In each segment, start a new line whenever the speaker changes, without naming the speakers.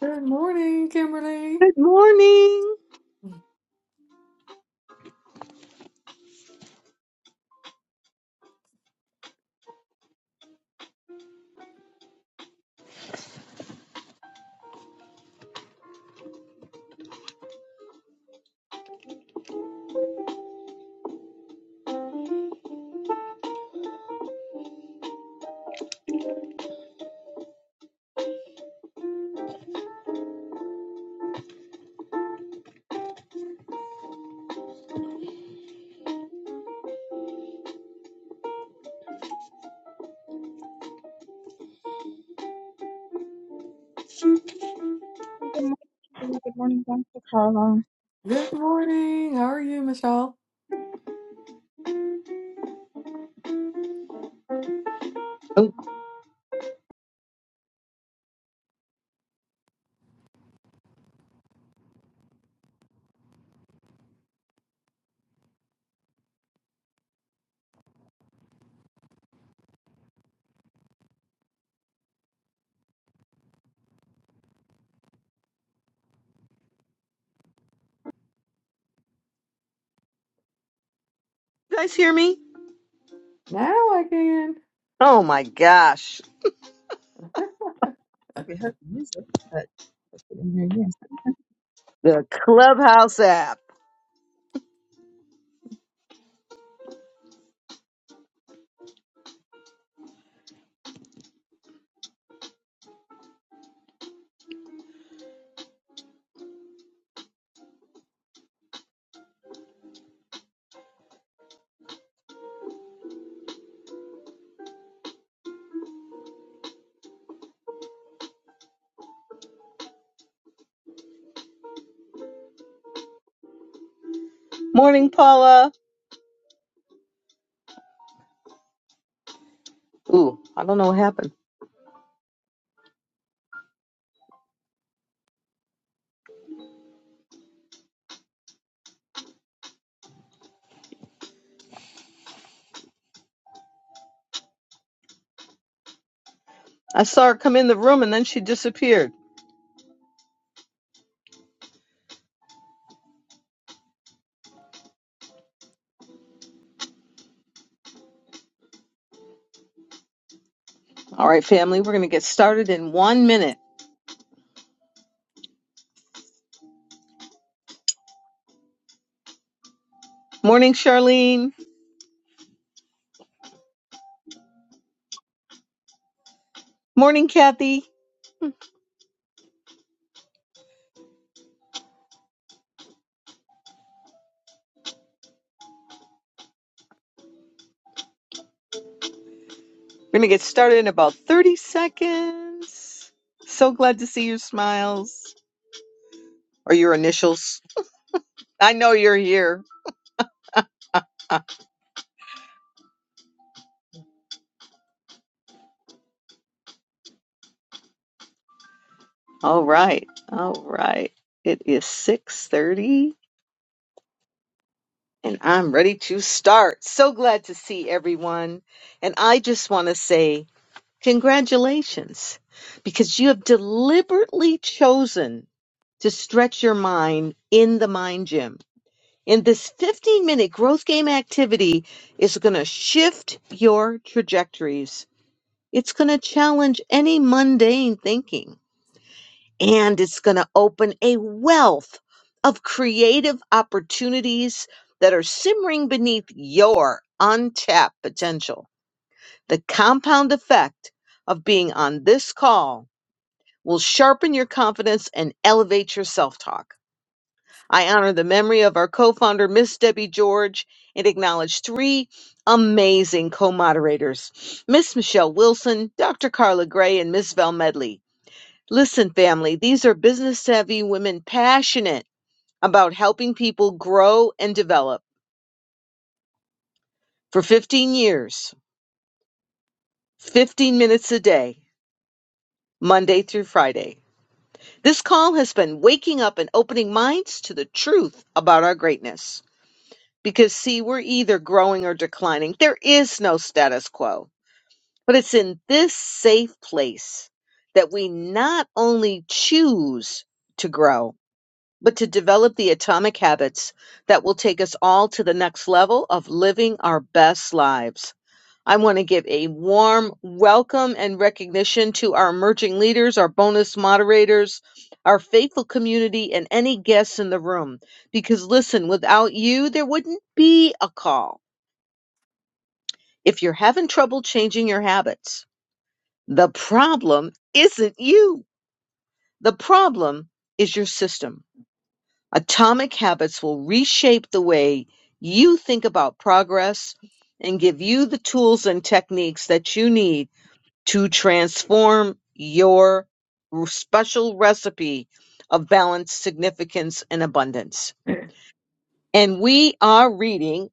Good morning, Kimberly.
Good morning.
Hey, Good morning. Good morning, Dr. Carla.
Good morning. How are you, Michelle?
Oh, you guys hear me?
Now I can.
Oh my gosh.
Probably heard the music, but I couldn't hear
The Clubhouse app. Morning, Paula. Ooh, I don't know what happened. I saw her come in the room and then she disappeared. All right, family, we're going to get started in one minute. Morning, Charlene. Morning, Kathy. We're going to get started in about 30 seconds. So glad to see your smiles or your initials. I know you're here. All right. All right. It is 6:30. And I'm ready to start. So glad to see everyone. And I just want to say congratulations because you have deliberately chosen to stretch your mind in the mind gym. And this 15 minute growth game activity is going to shift your trajectories. It's going to challenge any mundane thinking and it's going to open a wealth of creative opportunities that are simmering beneath your untapped potential. The compound effect of being on this call will sharpen your confidence and elevate your self talk. I honor the memory of our co founder, Miss Debbie George, and acknowledge three amazing co moderators Miss Michelle Wilson, Dr. Carla Gray, and Miss Val Medley. Listen, family, these are business savvy women passionate about helping people grow and develop for 15 years, 15 minutes a day, Monday through Friday. This call has been waking up and opening minds to the truth about our greatness. Because, see, we're either growing or declining. There is no status quo. But it's in this safe place that we not only choose to grow, but to develop the atomic habits that will take us all to the next level of living our best lives. I want to give a warm welcome and recognition to our emerging leaders, our bonus moderators, our faithful community, and any guests in the room. Because listen, without you, there wouldn't be a call. If you're having trouble changing your habits, the problem isn't you. The problem is your system Atomic habits will reshape the way you think about progress and give you the tools and techniques that you need to transform your r- special recipe of balance, significance, and abundance. And we are reading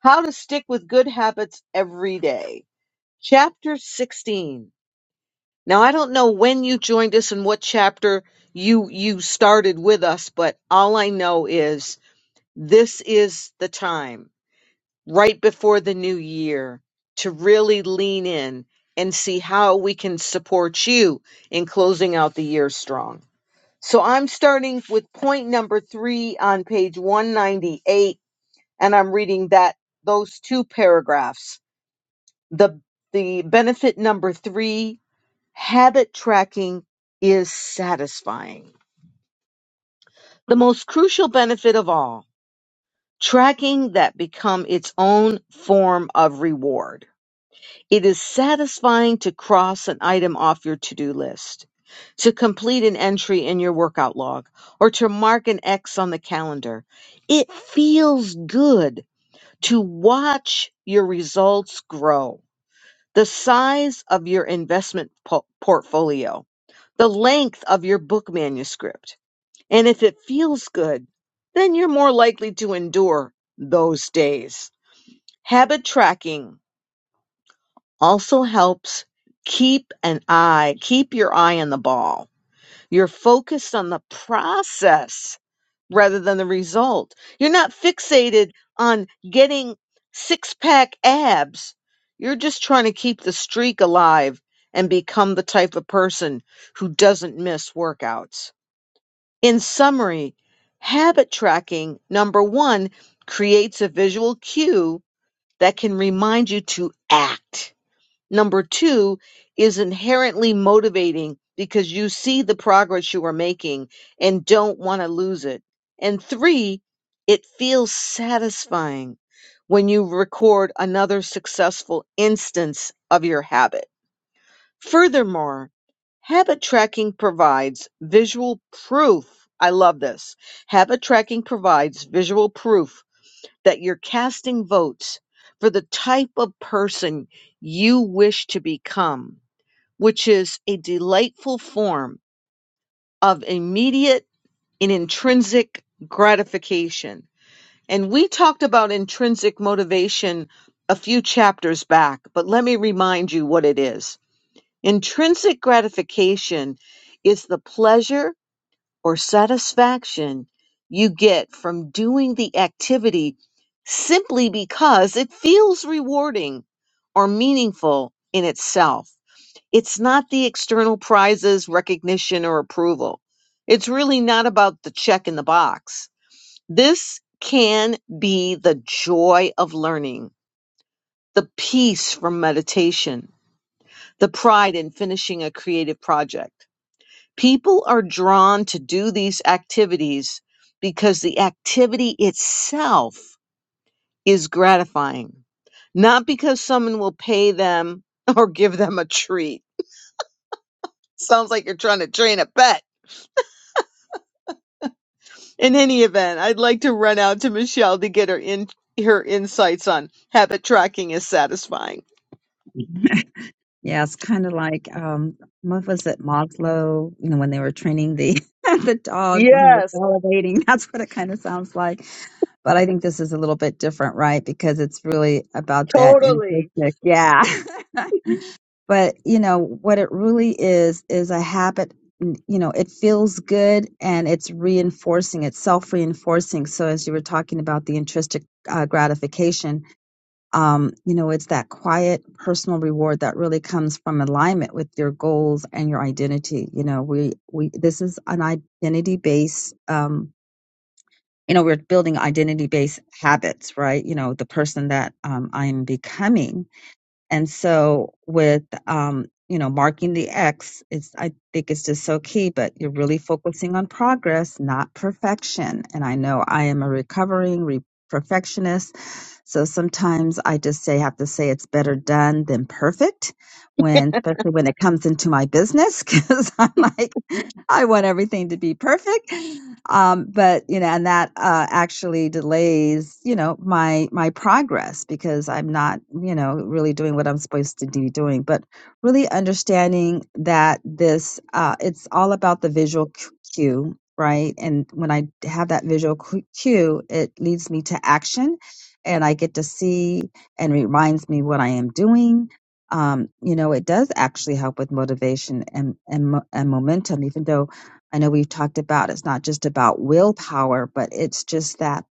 How to Stick with Good Habits Every Day, chapter 16. Now, I don't know when you joined us and what chapter you you started with us, but all I know is This is the time right before the new year to really lean in and see how we can support you in closing out the year strong. So I'm starting with point number 3 on page 198 and I'm reading that those two paragraphs. The the benefit number 3 habit tracking is satisfying. The most crucial benefit of all tracking that become its own form of reward. It is satisfying to cross an item off your to-do list, to complete an entry in your workout log, or to mark an X on the calendar. It feels good to watch your results grow. The size of your investment po- portfolio, the length of your book manuscript, and if it feels good, then you're more likely to endure those days. Habit tracking also helps keep an eye, keep your eye on the ball. You're focused on the process rather than the result. You're not fixated on getting six pack abs. You're just trying to keep the streak alive and become the type of person who doesn't miss workouts. In summary, habit tracking, number one, creates a visual cue that can remind you to act. Number two is inherently motivating because you see the progress you are making and don't want to lose it. And three, it feels satisfying when you record another successful instance of your habit. Furthermore, habit tracking provides visual proof. I love this. Habit tracking provides visual proof that you're casting votes for the type of person you wish to become, which is a delightful form of immediate and intrinsic gratification. And we talked about intrinsic motivation a few chapters back, but let me remind you what it is. Intrinsic gratification is the pleasure or satisfaction you get from doing the activity simply because it feels rewarding or meaningful in itself. It's not the external prizes, recognition, or approval. It's really not about the check in the box. This can be the joy of learning, the peace from meditation, the pride in finishing a creative project People are drawn to do these activities because the activity itself is gratifying, not because someone will pay them or give them a treat. Sounds like you're trying to train a pet. In any event, I'd like to run out to Michelle to get her in her insights on habit tracking is satisfying.
you. yeah, it's kind of like um, what was it, Maslow? You know, when they were training the the dog when he was
Yes,
salivating. That's what it kind of sounds like. But I think this is a little bit different, right? Because it's really about that
totally.
intrinsic. Yeah. but you know what it really is is a habit n- you know it feels good and it's reinforcing it's self-reinforcing so as you were talking about the intrinsic uh, gratification um, you know it's that quiet personal reward that really comes from alignment with your goals and your identity you know we we this is an identity based um, you know we're building identity based habits right you know the person that um, i'm becoming and so with um, you know, marking the X, it's I think it's just so key, but you're really focusing on progress, not perfection. And I know I am a recovering re- perfectionist so sometimes I just say have to say it's better done than perfect when especially when it comes into my business because I'm like I want everything to be perfect. Um, but you know, and that uh, actually delays you know my my progress because I'm not you know really doing what I'm supposed to be doing. But really understanding that this uh, it's all about the visual cu- cue. Right. And when I have that visual cu- cue, it leads me to action and I get to see and reminds me what I am doing. Um, you know, it does actually help with motivation and, and mo- and momentum. Even though I know we've talked about it's not just about willpower, but it's just that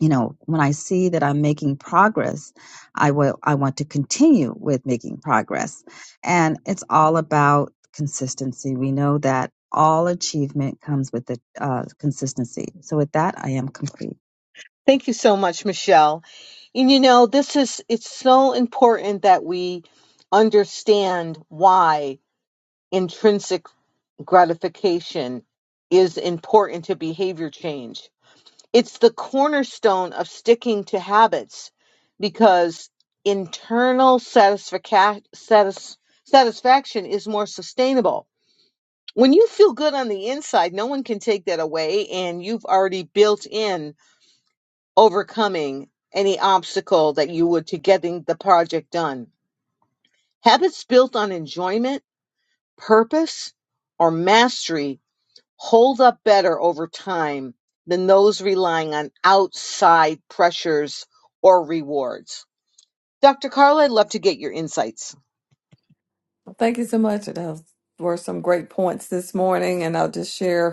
you know when I see that I'm making progress, I will I want to continue with making progress, and it's all about consistency. We know that all achievement comes with the uh, consistency. So with that, I am complete.
Thank you so much, Michelle. And you know, this is it's so important that we understand why intrinsic gratification is important to behavior change. It's the cornerstone of sticking to habits because internal satisfaca- satis- satisfaction is more sustainable. When you feel good on the inside, no one can take that away, and you've already built in overcoming any obstacle that you would to getting the project done. Habits built on enjoyment, purpose, or mastery hold up better over time than those relying on outside pressures or rewards. Dr. Carla, I'd love to get your insights.
Well, thank you so much. Those were some great points this morning, and I'll just share.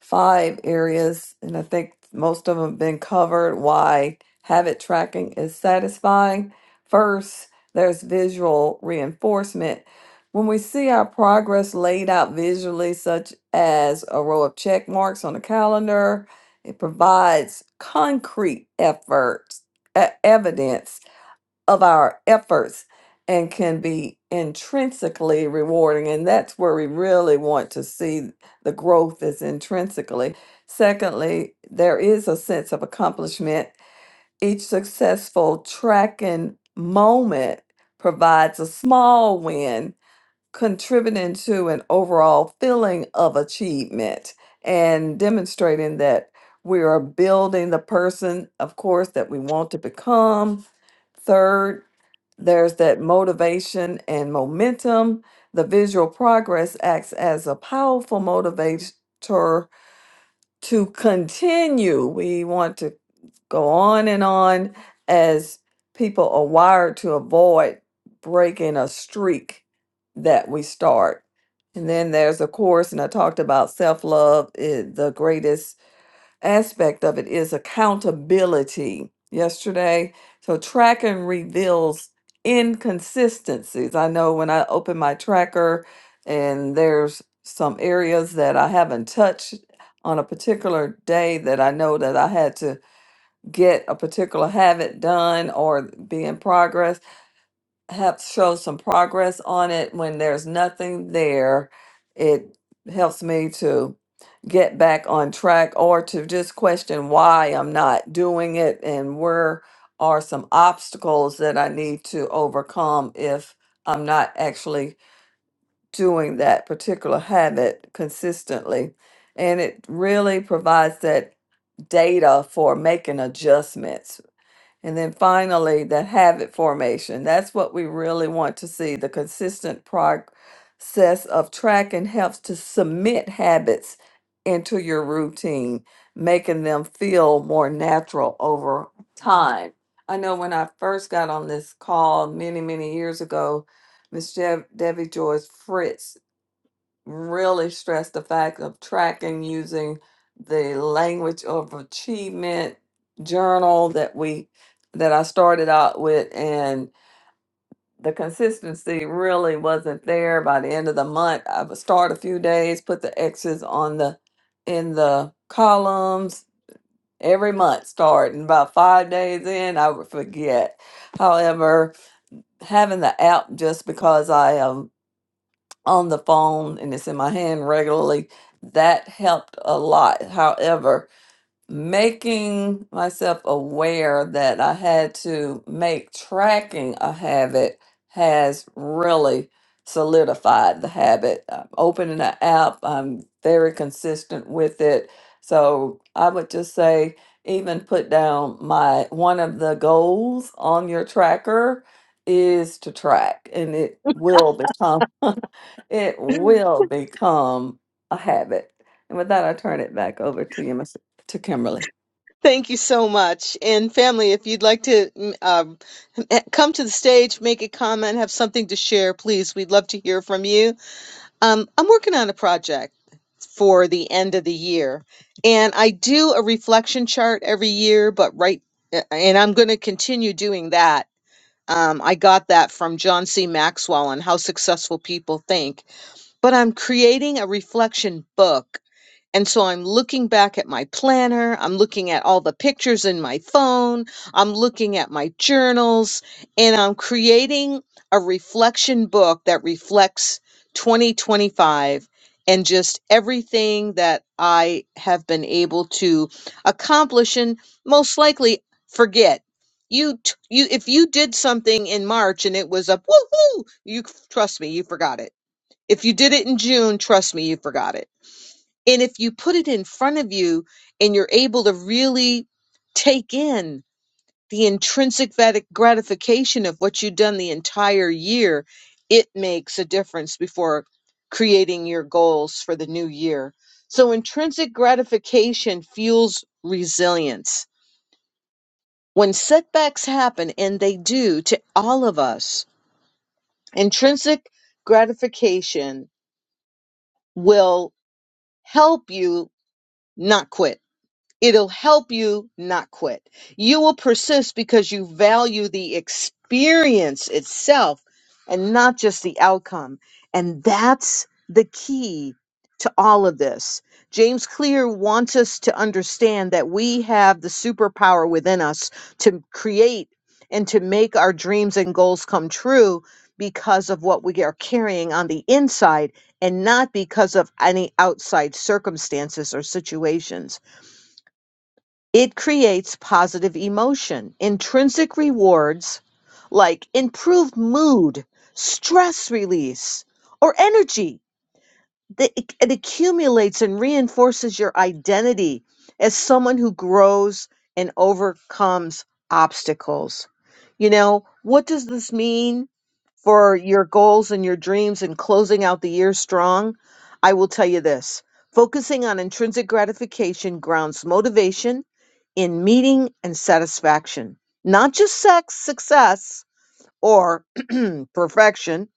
five areas, and I think most of them have been covered. Why habit tracking is satisfying. First, there's visual reinforcement. When we see our progress laid out visually, such as a row of check marks on a calendar, it provides concrete efforts, e- evidence of our efforts and can be intrinsically rewarding. And that's where we really want to see the growth is intrinsically. Secondly, there is a sense of accomplishment. Each successful tracking moment provides a small win, contributing to an overall feeling of achievement and demonstrating that we are building the person, of course, that we want to become. Third, there's that motivation and momentum. The visual progress acts as a powerful motivator to continue. We want to go on and on as people are wired to avoid breaking a streak that we start. And then there's a course, and I talked about self love, the greatest aspect of it is accountability yesterday. So tracking reveals inconsistencies. I know when I open my tracker and there's some areas that I haven't touched on a particular day that I know that I had to get a particular habit done or be in progress have show some progress on it when there's nothing there it helps me to get back on track or to just question why i'm not doing it and where are some obstacles that i need to overcome if i'm not actually doing that particular habit consistently and it really provides that data for making adjustments and then finally, that habit formation. That's what we really want to see. The consistent process of tracking helps to submit habits into your routine, making them feel more natural over time. I know when I first got on this call many, many years ago, Miss Dev- Debbie Joyce Fritz really stress the fact of tracking using the language of achievement journal that we that I started out with and the consistency really wasn't there by the end of the month. I would start a few days, put the X's on the in the columns every month start and about five days in I would forget. However, having the app just because I am on the phone and it's in my hand regularly, that helped a lot. However, making myself aware that I had to make tracking a habit has really solidified the habit. I'm opening an app, I'm very consistent with it. So I would just say, even put down my one of the goals on your tracker is to track and it will become it will become a habit. And with that, I turn it back over to you, Mr. to Kimberly.
Thank you so much. And family, if you'd like to mm, um, come to the stage, make a comment, have something to share, please, we'd love to hear from you. Um, I'm working on a project for the end of the year, and I do a reflection chart every year, but right, and I'm going to continue doing that. Um, I got that from John C. Maxwell on how successful people think, but I'm creating a reflection book and so I'm looking back at my planner. I'm looking at all the pictures in my phone. I'm looking at my journals and I'm creating a reflection book that reflects 2025 and just everything that I have been able to accomplish and most likely forget. You, t- you, if you did something in March and it was a woohoo, you trust me, you forgot it. If you did it in June, trust me, you forgot it and if you put it in front of you and you're able to really take in the intrinsic vat- gratification of what you've done the entire year, it makes a difference before creating your goals for the new year. So, intrinsic gratification fuels resilience. When setbacks happen, and they do to all of us, intrinsic gratification will help you not quit It'll help you not quit. You will persist because you value the experience itself and not just the outcome. And that's the key to all of this. James Clear wants us to understand that we have the superpower within us to create and to make our dreams and goals come true because of what we are carrying on the inside and not because of any outside circumstances or situations. It creates positive emotion, intrinsic rewards like improved mood, stress release, or energy. The- It it accumulates and reinforces your identity as someone who grows and overcomes obstacles. You know, what does this mean for your goals and your dreams and closing out the year strong? I will tell you this focusing on intrinsic gratification grounds motivation in meaning and satisfaction, not just sex, success, or perfection.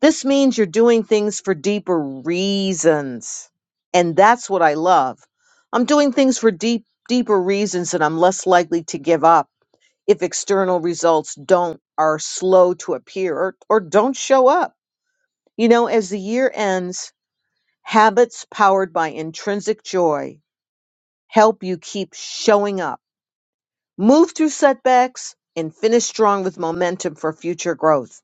This means you're doing things for deeper reasons. And that's what I love. I'm doing things for deep, deeper reasons, and I'm less likely to give up if external results don't are slow to appear or, or don't show up. You know, as the year ends, habits powered by intrinsic joy help you keep showing up move through setbacks, and finish strong with momentum for future growth.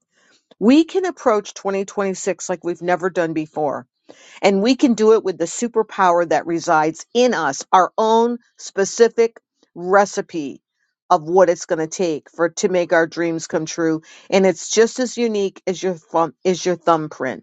We can approach 2026 like we've never done before, and we can do it with the superpower that resides in us, our own specific recipe of what it's going to take for to make our dreams come true, and it's just as unique as your thumb, is your thumbprint.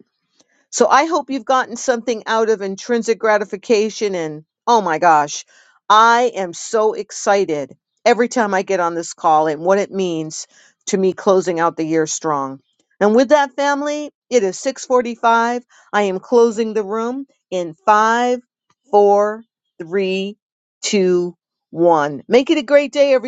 So I hope you've gotten something out of intrinsic gratification. And oh my gosh, I am so excited every time I get on this call and what it means to me closing out the year strong. And with that, family, it is 645. I am closing the room in five, four, three, two, one. Make it a great day, everyone.